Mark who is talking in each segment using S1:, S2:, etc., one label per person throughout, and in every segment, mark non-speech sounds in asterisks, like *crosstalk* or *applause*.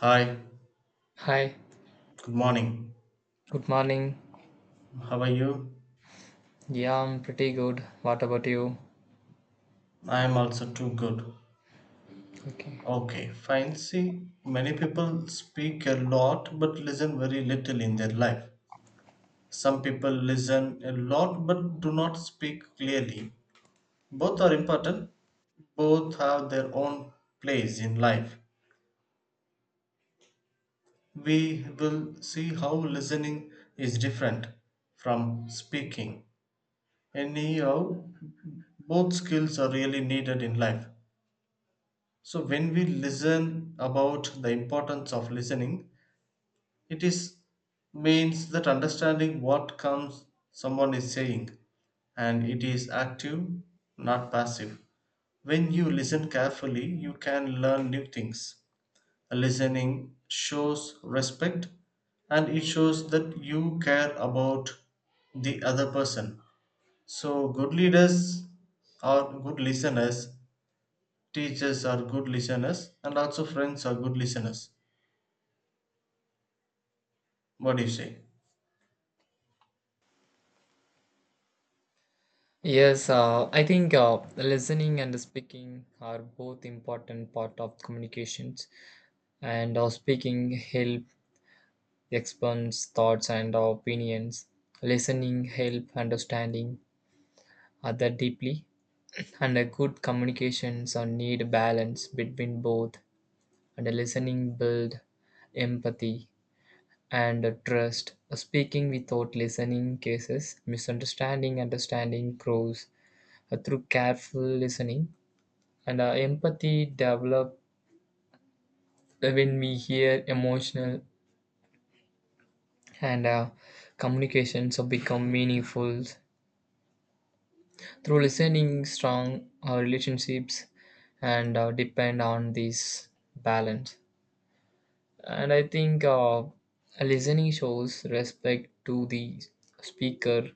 S1: Hi,
S2: Hi,
S1: good morning.
S2: good morning.
S1: How are you?
S2: Yeah, I'm pretty good. What about you?
S1: I am also too good.
S2: Okay.
S1: Okay, fine. See, many people speak a lot but listen very little in their life. Some people listen a lot but do not speak clearly. Both are important, both have their own place in life. We will see how listening is different from speaking. Anyhow, both skills are really needed in life. So when we listen about the importance of listening, it is means that understanding what comes someone is saying, and it is active, not passive. When you listen carefully, you can learn new things. Listening shows respect and it shows that you care about the other person. So good leaders or good listeners, teachers are good listeners and also friends are good listeners. What do you say?
S2: Yes, I think listening and speaking are both important part of communications. And speaking help expands thoughts and opinions. Listening help understanding other deeply. *clears throat* And a good communications are need balance between both. And listening build empathy and trust, speaking without listening cases, misunderstanding, understanding grows through careful listening, and empathy develop when we hear emotional and communications have become meaningful through listening. Strong relationships and depend on this balance, and I think listening shows respect to the speaker.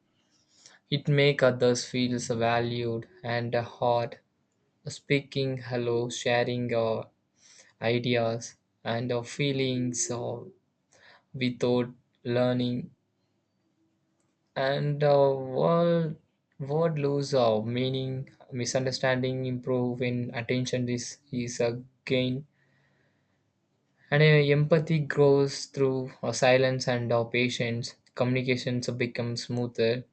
S2: It make others feel valued and heard, speaking hello, sharing our ideas and our feelings without learning, and our world word lose our meaning, misunderstanding improve when attention is a gain, and empathy grows through our silence and our patience. Communications become smoother.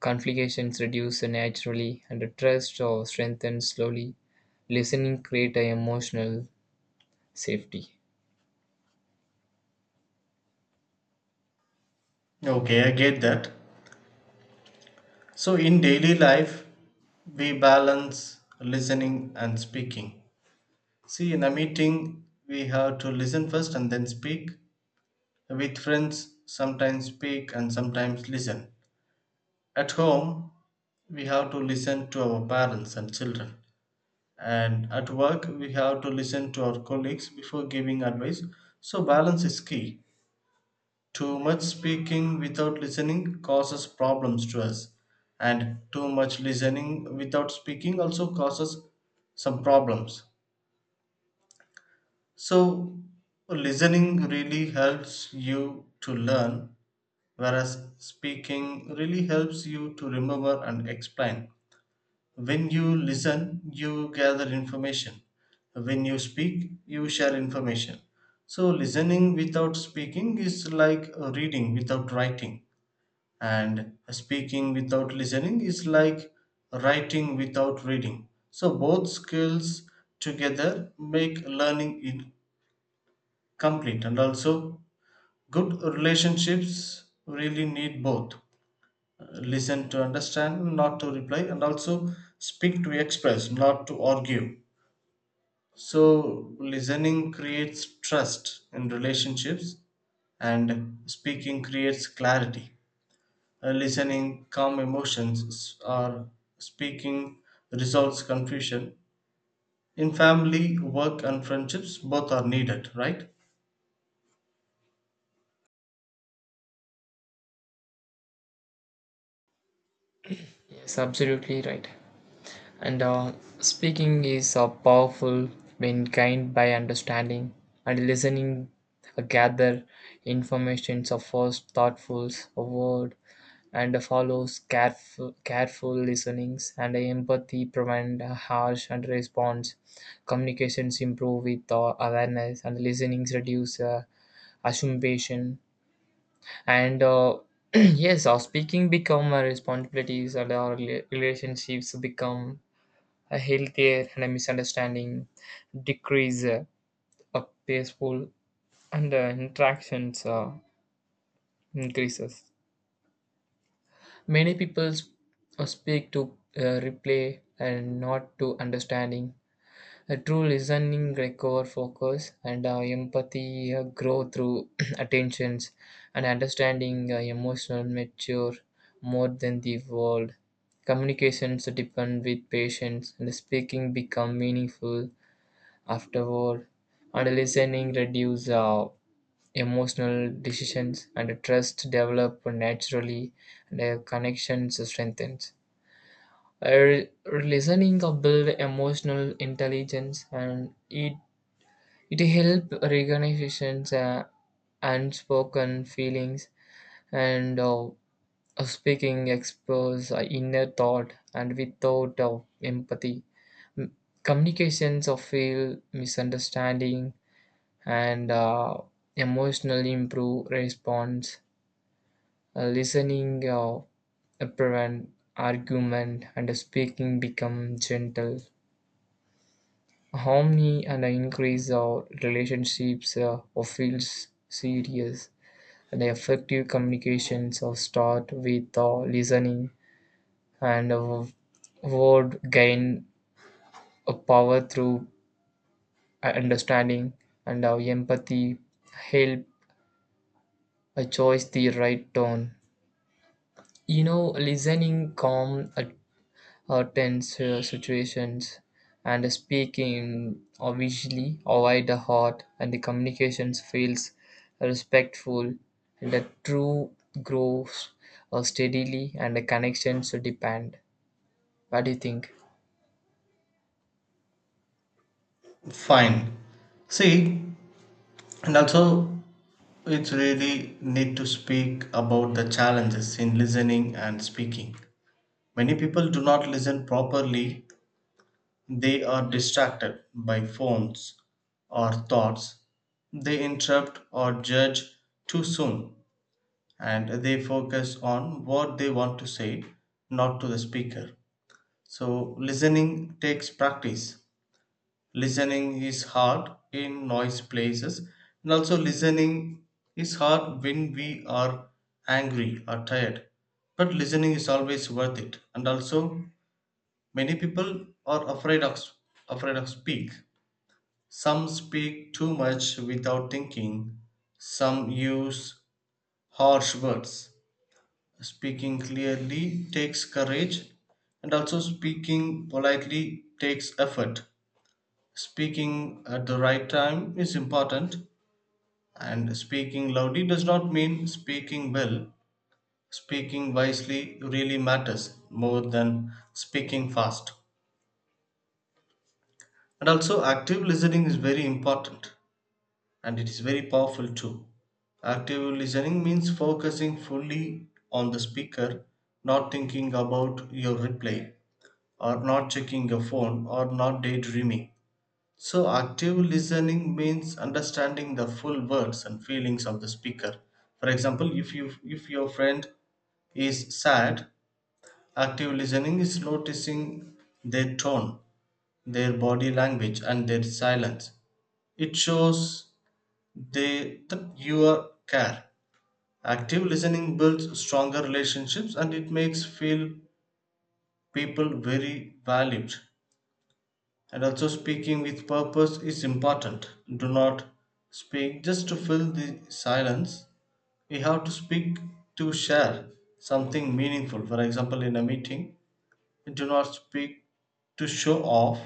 S2: Conflict reduce naturally, and trust or strengthens slowly. Listening creates a emotional safety.
S1: Okay, I get that. So in daily life we balance listening and speaking. See, in a meeting we have to listen first and then speak. With friends, sometimes speak and sometimes listen. At home we have to listen to our parents and children, and at work we have to listen to our colleagues before giving advice. So balance is key. Too much speaking without listening causes problems to us, and too much listening without speaking also causes some problems. So, listening really helps you to learn, whereas speaking really helps you to remember and explain. When you listen, you gather information. When you speak, you share information. So, listening without speaking is like reading without writing, and speaking without listening is like writing without reading. So both skills together make learning incomplete, and also good relationships really need both. Uh, Listen to understand, not to reply, and also speak to express, not to argue. So listening creates trust in relationships, and speaking creates clarity. Listening calm emotions, or speaking resolves confusion. In family, work, and friendships, both are needed, right?
S2: Yes, absolutely right. And speaking is powerful when kind by understanding and listening gather information of first thoughtful a word and follows careful listenings and empathy prevent a harsh and response. Communications improve with awareness and listenings reduce assumption and *clears throat* yes our speaking become our responsibilities and our relationships become a healthier and a misunderstanding decrease a peaceful and interactions increases. Many people speak to replay and not to understanding. A true listening require focus and empathy grow through *clears throat* attentions and understanding emotional mature more than the world. Communications depend with patience and speaking become meaningful afterward and listening reduce emotional decisions, and trust develop naturally, and a connection strengthens. Uh, Listening build emotional intelligence, and it help organizations. Unspoken feelings and speaking expose inner thought and without empathy communications of feel misunderstanding and emotional improve response. Listening prevent argument and speaking become gentle harmony and increase our relationships or feels serious. The effective communications are start with listening and word gain a power through understanding and our empathy help a choice the right tone. You know listening calm a or tense situations, and speaking obviously avoid the heart and the communications feels respectful and the true grows steadily and the connections depend. What do you think?
S1: Fine. See, and also it's really need to speak about the challenges in listening and speaking. Many people do not listen properly, they are distracted by phones or thoughts. They interrupt or judge too soon and they focus on what they want to say, not to the speaker. So, listening takes practice. Listening is hard in noise places, and also listening is hard when we are angry or tired. But listening is always worth it. And also, many people are afraid of speak. Some speak too much without thinking. Some use harsh words. Speaking clearly takes courage, and also speaking politely takes effort. Speaking at the right time is important, and speaking loudly does not mean speaking well. Speaking wisely really matters more than speaking fast. And also, active listening is very important and it is very powerful too. Active listening means focusing fully on the speaker, not thinking about your reply, or not checking your phone or not daydreaming. So, active listening means understanding the full words and feelings of the speaker. For example, if your friend is sad, active listening is noticing their tone, their body language, and their silence. It shows they that you are care. Active listening builds stronger relationships and it makes feel people very valued. And also, speaking with purpose is important. Do not speak just to fill the silence. You have to speak to share something meaningful. For example, in a meeting, do not speak to show off,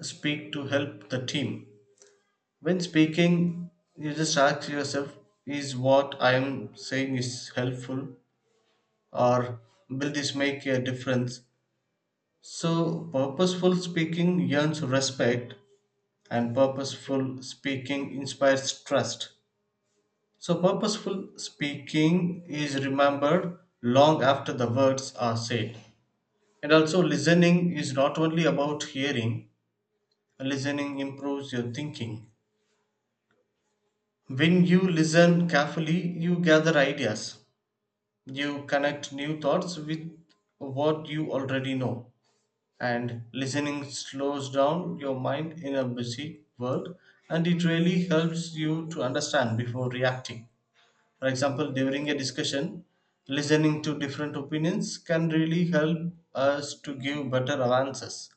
S1: speak to help the team. When speaking, you just ask yourself, is what I am saying is helpful, or will this make a difference? So purposeful speaking earns respect and purposeful speaking inspires trust. So, purposeful speaking is remembered long after the words are said. And also, listening is not only about hearing, listening improves your thinking. When you listen carefully, you gather ideas, you connect new thoughts with what you already know. And listening slows down your mind in a busy world, and it really helps you to understand before reacting. For example, during a discussion, listening to different opinions can really help us to give better answers.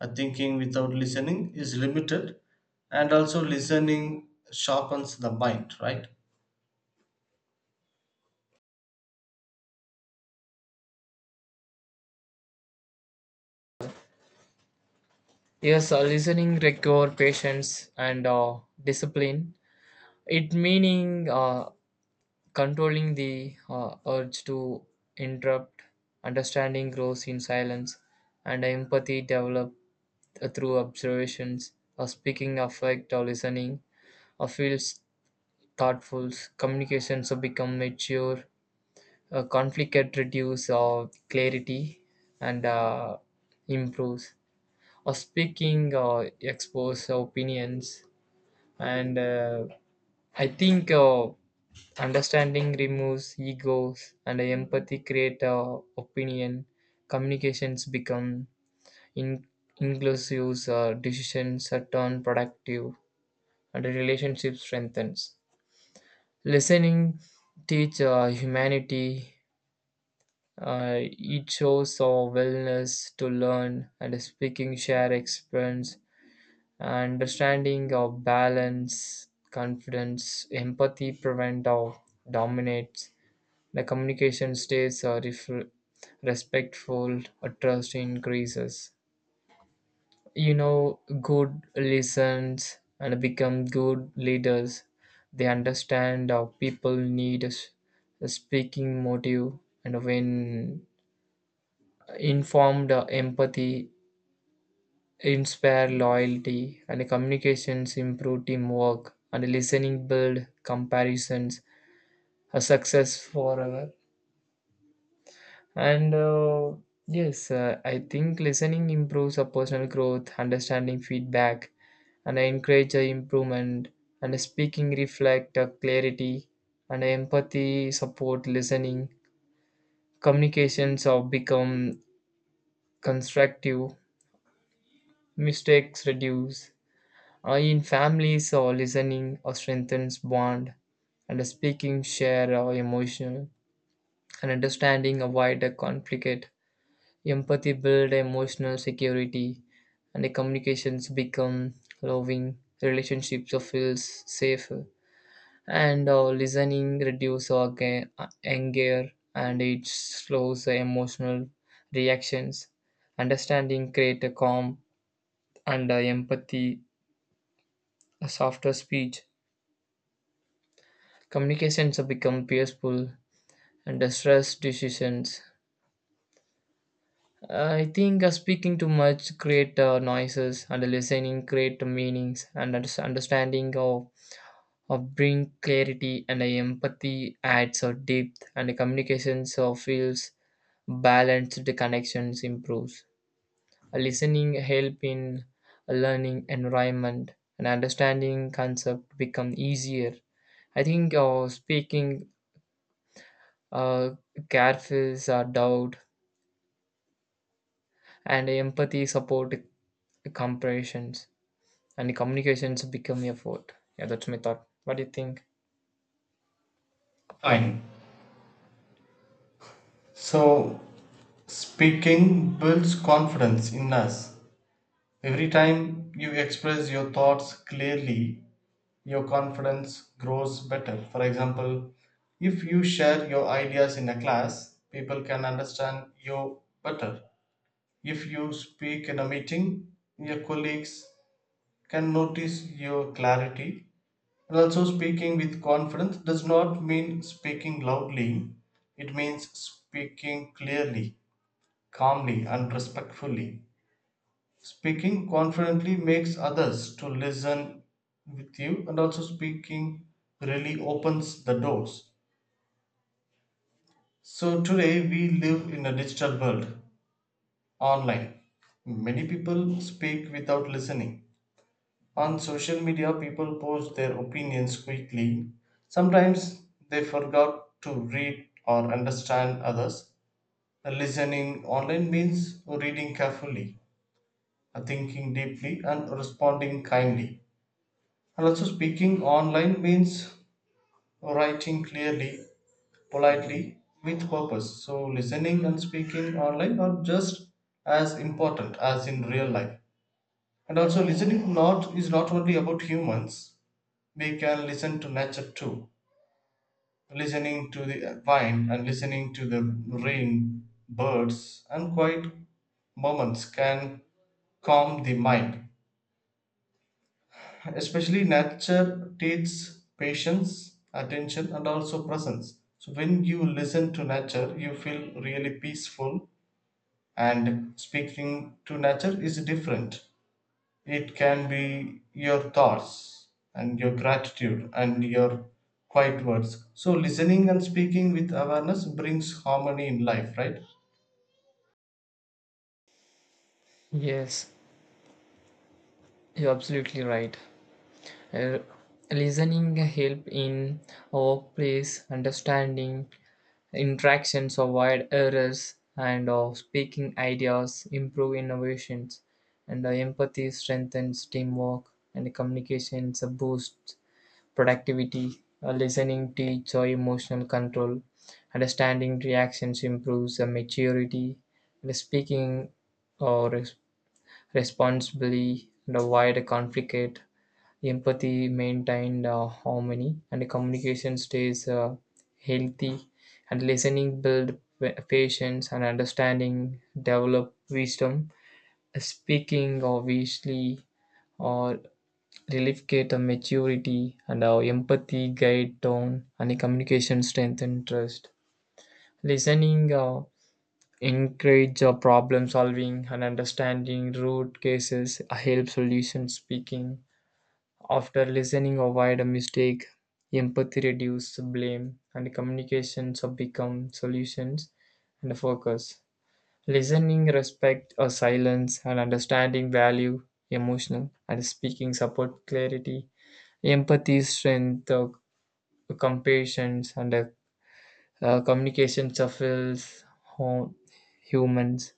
S1: Thinking without listening is limited, and also listening sharpens the mind, right?
S2: Yes, listening require patience and discipline. It meaning controlling the urge to interrupt, understanding grows in silence, and empathy develop through observations, or speaking affect or listening, or feels thoughtful, communications have become mature, conflict get reduced or clarity and improves, or speaking or expose opinions, and I think understanding removes egos, and empathy create opinion, communications become in inclusive decisions are turned productive and the relationship strengthens. Listening teach humanity. It shows our willingness to learn and speaking share experience, understanding our balance, confidence, empathy prevent or dominates. The communication stays respectful, trust increases. You know good listens and become good leaders. They understand how people need a speaking motive and when informed empathy inspire loyalty and communications improve teamwork and listening build comparisons a success forever. And yes, I think listening improves our personal growth, understanding feedback, and I encourage a improvement. And speaking reflect a clarity, and empathy support listening. Communications have become constructive. Mistakes reduce. In families, listening strengthens bond, and speaking share emotional, and understanding avoid a conflict. Empathy builds emotional security, and the communications become loving. Relationships feels safer, and listening reduces anger, and it slows the emotional reactions. Understanding creates a calm, and empathy a softer speech. Communications have become peaceful, and the stress decisions. I think speaking too much create noises and listening create meanings and understanding of bring clarity and empathy adds a depth and the communications of feels balanced the connections improves. A listening help in a learning environment and understanding concept become easier. I think speaking uh, carefuls are doubt and empathy support comparisons and communications become a vote. Yeah, that's my thought. What do you think?
S1: Fine. So, speaking builds confidence in us. Every time you express your thoughts clearly, your confidence grows better. For example, if you share your ideas in a class, people can understand you better. If you speak in a meeting, your colleagues can notice your clarity. And also, speaking with confidence does not mean speaking loudly, it means speaking clearly, calmly, and respectfully. Speaking confidently makes others to listen with you, and also speaking really opens the doors. So today we live in a digital world online. Many people speak without listening. On social media people post their opinions quickly. Sometimes they forgot to read or understand others. Listening online means reading carefully, thinking deeply and responding kindly. And also, speaking online means writing clearly, politely, with purpose. So, listening and speaking online are just as important as in real life. And also, listening not is not only about humans. We can listen to nature too, listening to the wind and listening to the rain, birds, and quiet moments can calm the mind. Especially nature teaches patience, attention and also presence. So when you listen to nature you feel really peaceful, and speaking to nature is different. It can be your thoughts and your gratitude and your quiet words. So listening and speaking with awareness brings harmony in life, right?
S2: Yes, you're absolutely right. Uh, Listening help in workplace understanding interactions, avoid errors, and speaking ideas, improve innovations, and empathy strengthens teamwork, and communications boosts productivity. Listening teach or emotional control, understanding reactions improves maturity, the speaking or responsibly and avoid conflict, empathy maintained harmony, and communication stays healthy, and listening build patience and understanding develop wisdom. Speaking obviously or relief a maturity and our empathy guide tone and the communication strength and trust. Listening encourage problem solving and understanding root cases help solution speaking. After listening avoid a mistake, empathy reduce blame and communications become solutions and focus. Listening respect or silence and understanding value emotional and speaking support clarity. Empathy, strength, compassion, and communication shuffles home humans.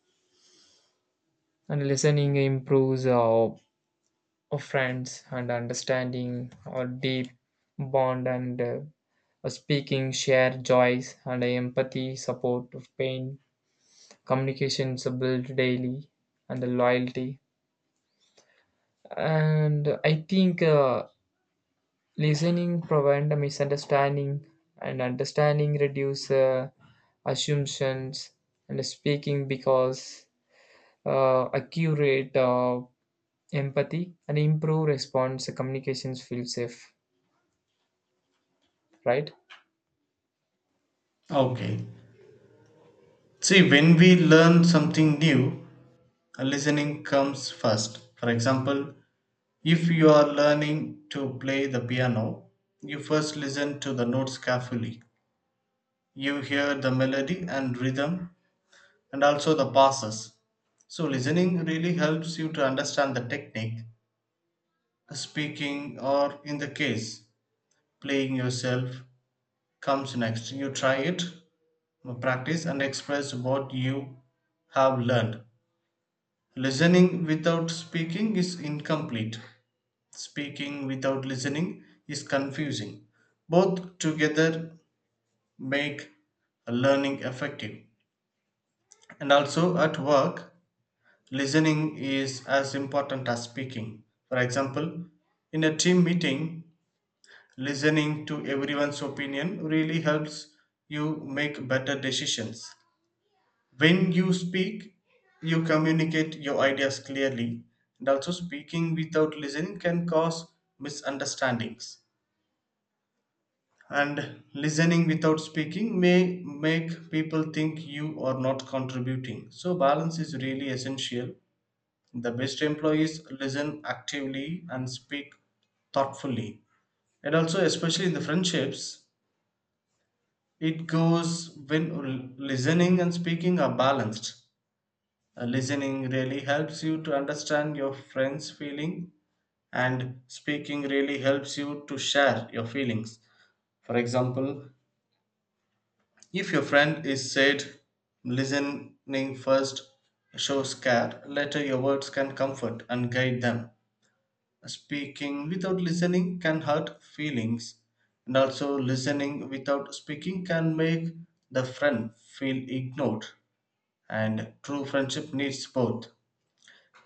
S2: And listening improves our friends and understanding our deep bond and speaking share joys and empathy support of pain communications are built daily and the loyalty, and I think listening prevent a misunderstanding, and understanding reduce assumptions, and speaking because accurate empathy and improve response communications feel safe, right?
S1: Okay. See, when we learn something new, listening comes first. For example, if you are learning to play the piano, you first listen to the notes carefully. You hear the melody and rhythm and also the passes. So, listening really helps you to understand the technique. Speaking, or in the case, playing yourself, comes next. You try it, practice, and express what you have learned. Listening without speaking is incomplete. Speaking without listening is confusing. Both together make learning effective. And also at work, listening is as important as speaking. For example, in a team meeting, listening to everyone's opinion really helps you make better decisions. When you speak, you communicate your ideas clearly, and also speaking without listening can cause misunderstandings, and listening without speaking may make people think you are not contributing. So balance is really essential. The best employees listen actively and speak thoughtfully. And also, especially in the friendships, it goes when listening and speaking are balanced. Listening really helps you to understand your friend's feeling, and speaking really helps you to share your feelings. For example, if your friend is said, listening first shows care, later your words can comfort and guide them. Speaking without listening can hurt feelings, and also listening without speaking can make the friend feel ignored. And true friendship needs both,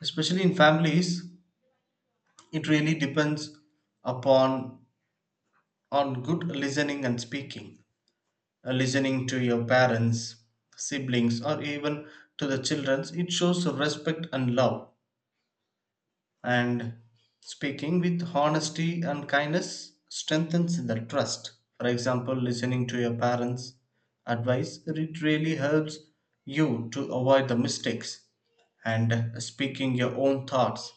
S1: especially in families. It really depends upon on good listening and speaking. Listening to your parents, siblings, or even to the children, it shows respect and love. And speaking with honesty and kindness strengthens the trust. For example, listening to your parents' advice, it really helps you to avoid the mistakes. And speaking your own thoughts,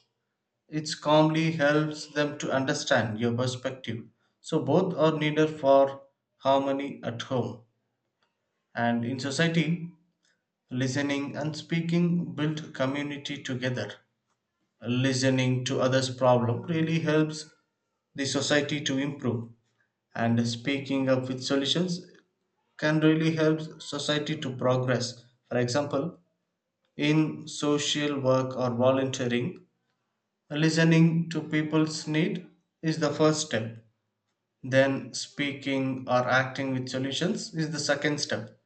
S1: it calmly helps them to understand your perspective. So, both are needed for harmony at home and in society. Listening and speaking build community together. Listening to others' problem really helps the society to improve, and speaking up with solutions can really help society to progress. For example, in social work or volunteering, listening to people's need is the first step. Then speaking or acting with solutions is the second step.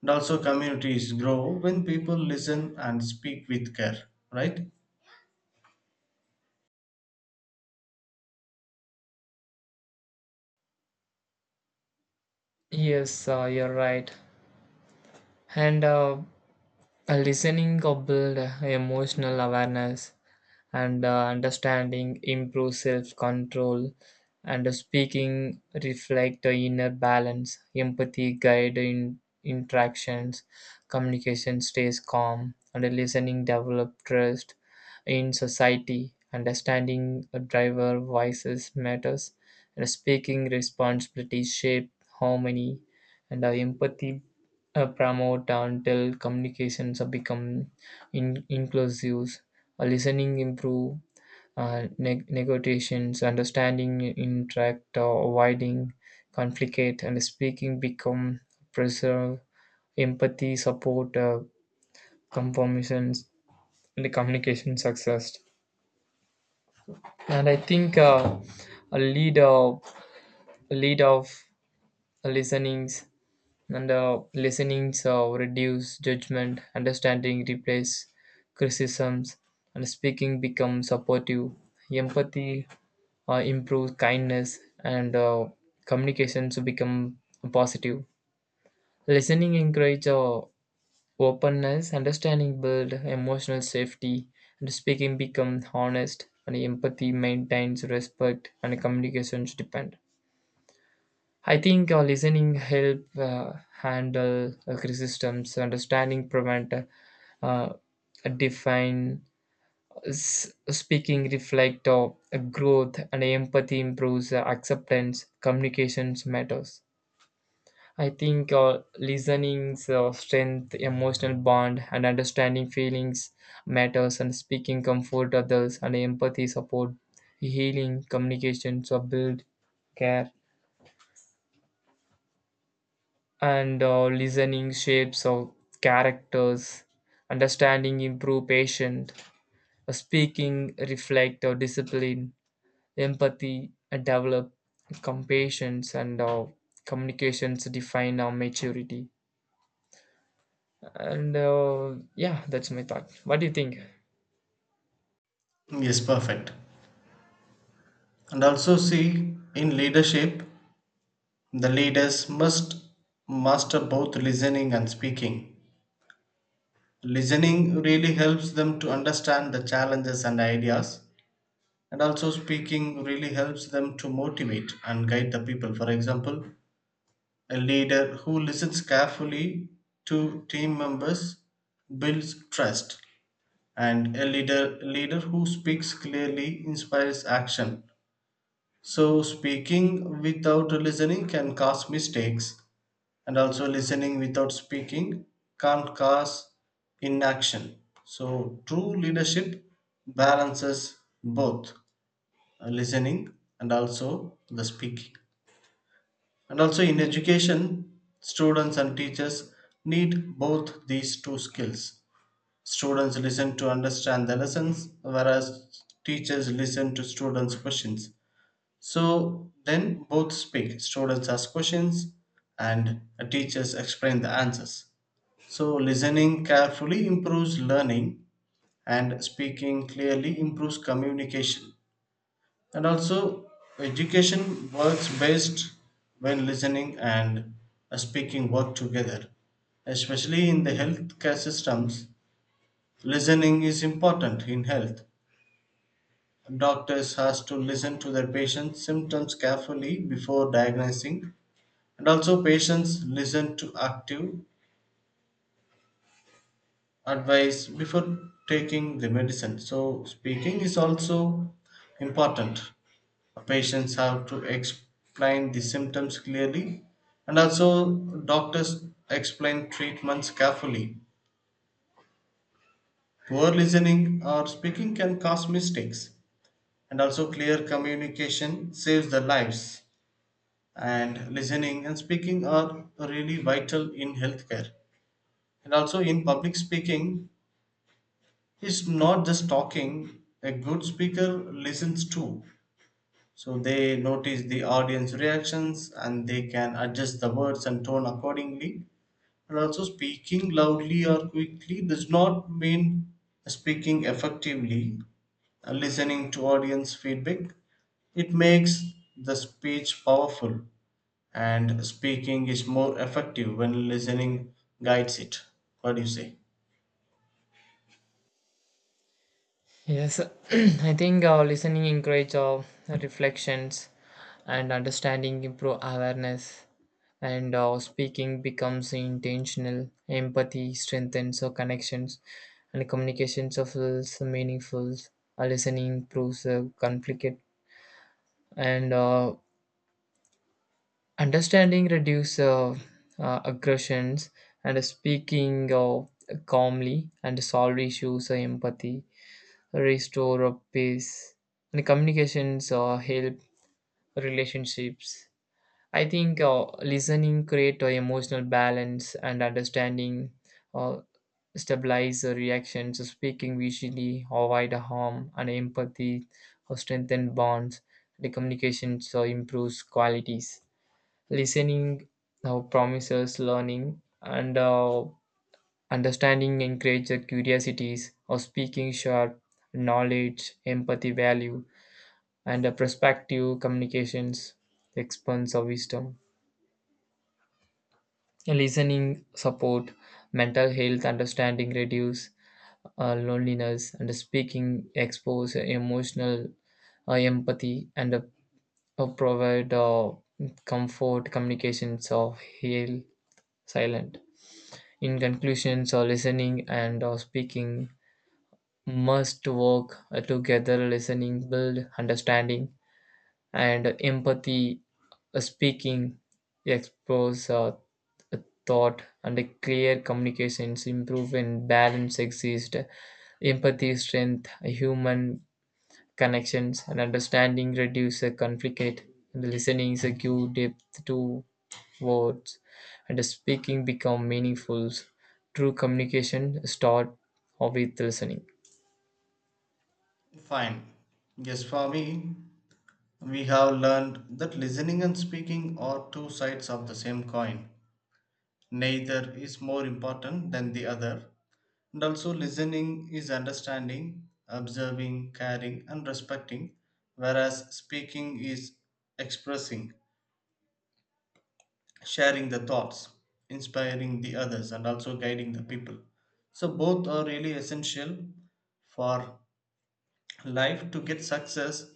S1: And also communities grow when people listen and speak with care, right?
S2: Yes, you're right. And a listening or build emotional awareness and understanding improves self-control and speaking reflect the inner balance empathy guide in interactions communication stays calm and listening develop trust in society understanding a driver voices matters and speaking responsibility shape harmony and empathy promote until communications have become inclusive. Listening improve negotiations understanding interact avoiding conflict and speaking become preserve empathy support compromisions and communication success, and I think a lead of listenings and listenings reduce judgment understanding replace criticisms and speaking become supportive empathy improve kindness and communication to become positive. Listening encourage openness understanding build emotional safety and speaking become honest and empathy maintains respect and communication should depend. I think listening help uh, handle criticisms understanding prevent uh, define speaking reflect of growth and empathy improves acceptance communications matters. I think listening strength emotional bond and understanding feelings matters and speaking comfort others and empathy support healing communications so build care, and listening shapes of characters understanding improve patient speaking reflect or discipline. Empathy, develop compassions, and communications define our maturity. And yeah, that's my thought. What do you think?
S1: Yes, perfect. And also, see, in leadership, the leaders must master both listening and speaking. Listening really helps them to understand the challenges and ideas, and also, speaking really helps them to motivate and guide the people. For example, a leader who listens carefully to team members builds trust, and a leader who speaks clearly inspires action. So, speaking without listening can cause mistakes, and also listening without speaking can cause inaction. So, true leadership balances both, listening and also the speaking. And also, in education, students and teachers need both these two skills. Students listen to understand the lessons, whereas teachers listen to students' questions. So then both speak. Students ask questions and teachers explain the answers. So listening carefully improves learning and speaking clearly improves communication. And also education works best when listening and speaking work together. Especially in the healthcare systems, listening is important in health. Doctors has to listen to their patients' symptoms carefully before diagnosing. And also, patients listen to active advice before taking the medicine. So, speaking is also important. Patients have to explain the symptoms clearly, and also, doctors explain treatments carefully. Poor listening or speaking can cause mistakes, and also, clear communication saves the lives. And listening and speaking are really vital in healthcare. And also, in public speaking, he's not just talking, a good speaker listens too. So they notice the audience reactions and they can adjust the words and tone accordingly. And also, speaking loudly or quickly does not mean speaking effectively. Listening to audience feedback, it makes the speech powerful, and speaking is more effective when listening guides it. What do you say?
S2: Yes, *clears throat* I think listening encourages reflections and understanding improve awareness and speaking becomes intentional empathy strengthens our connections and communications of feels meaningful. Listening improves conflict and understanding reduce aggressions and speaking calmly and solve issues empathy restore peace and communications help relationships. I think listening create emotional balance and understanding uh, stabilize reactions speaking visually avoid harm and empathy strengthen bonds the communications improves qualities. Listening now promises learning and understanding encourages curiosities or speaking sharp knowledge, empathy value, and a perspective communications expands of wisdom. Listening support mental health understanding reduce loneliness and speaking expose emotional empathy and provide comfort communications of heal silent. In conclusion, so listening and speaking must work together. Listening build understanding and empathy. Speaking expose thought and clear communications improve and balance exist. Empathy strength human connections and understanding reduce the conflict, and listening is a give depth to words, and the speaking become meaningful. True communication start with listening.
S1: Fine. Yes, for me, we have learned that listening and speaking are two sides of the same coin. Neither is more important than the other. And also, listening is understanding, observing, caring, and respecting, whereas speaking is expressing, sharing the thoughts, inspiring the others, and also guiding the people. So, both are really essential for life to get success,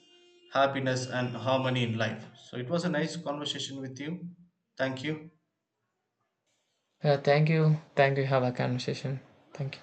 S1: happiness, and harmony in life. So it was a nice conversation with you. Thank you.
S2: Thank you. Thank you. Have a conversation. Thank you.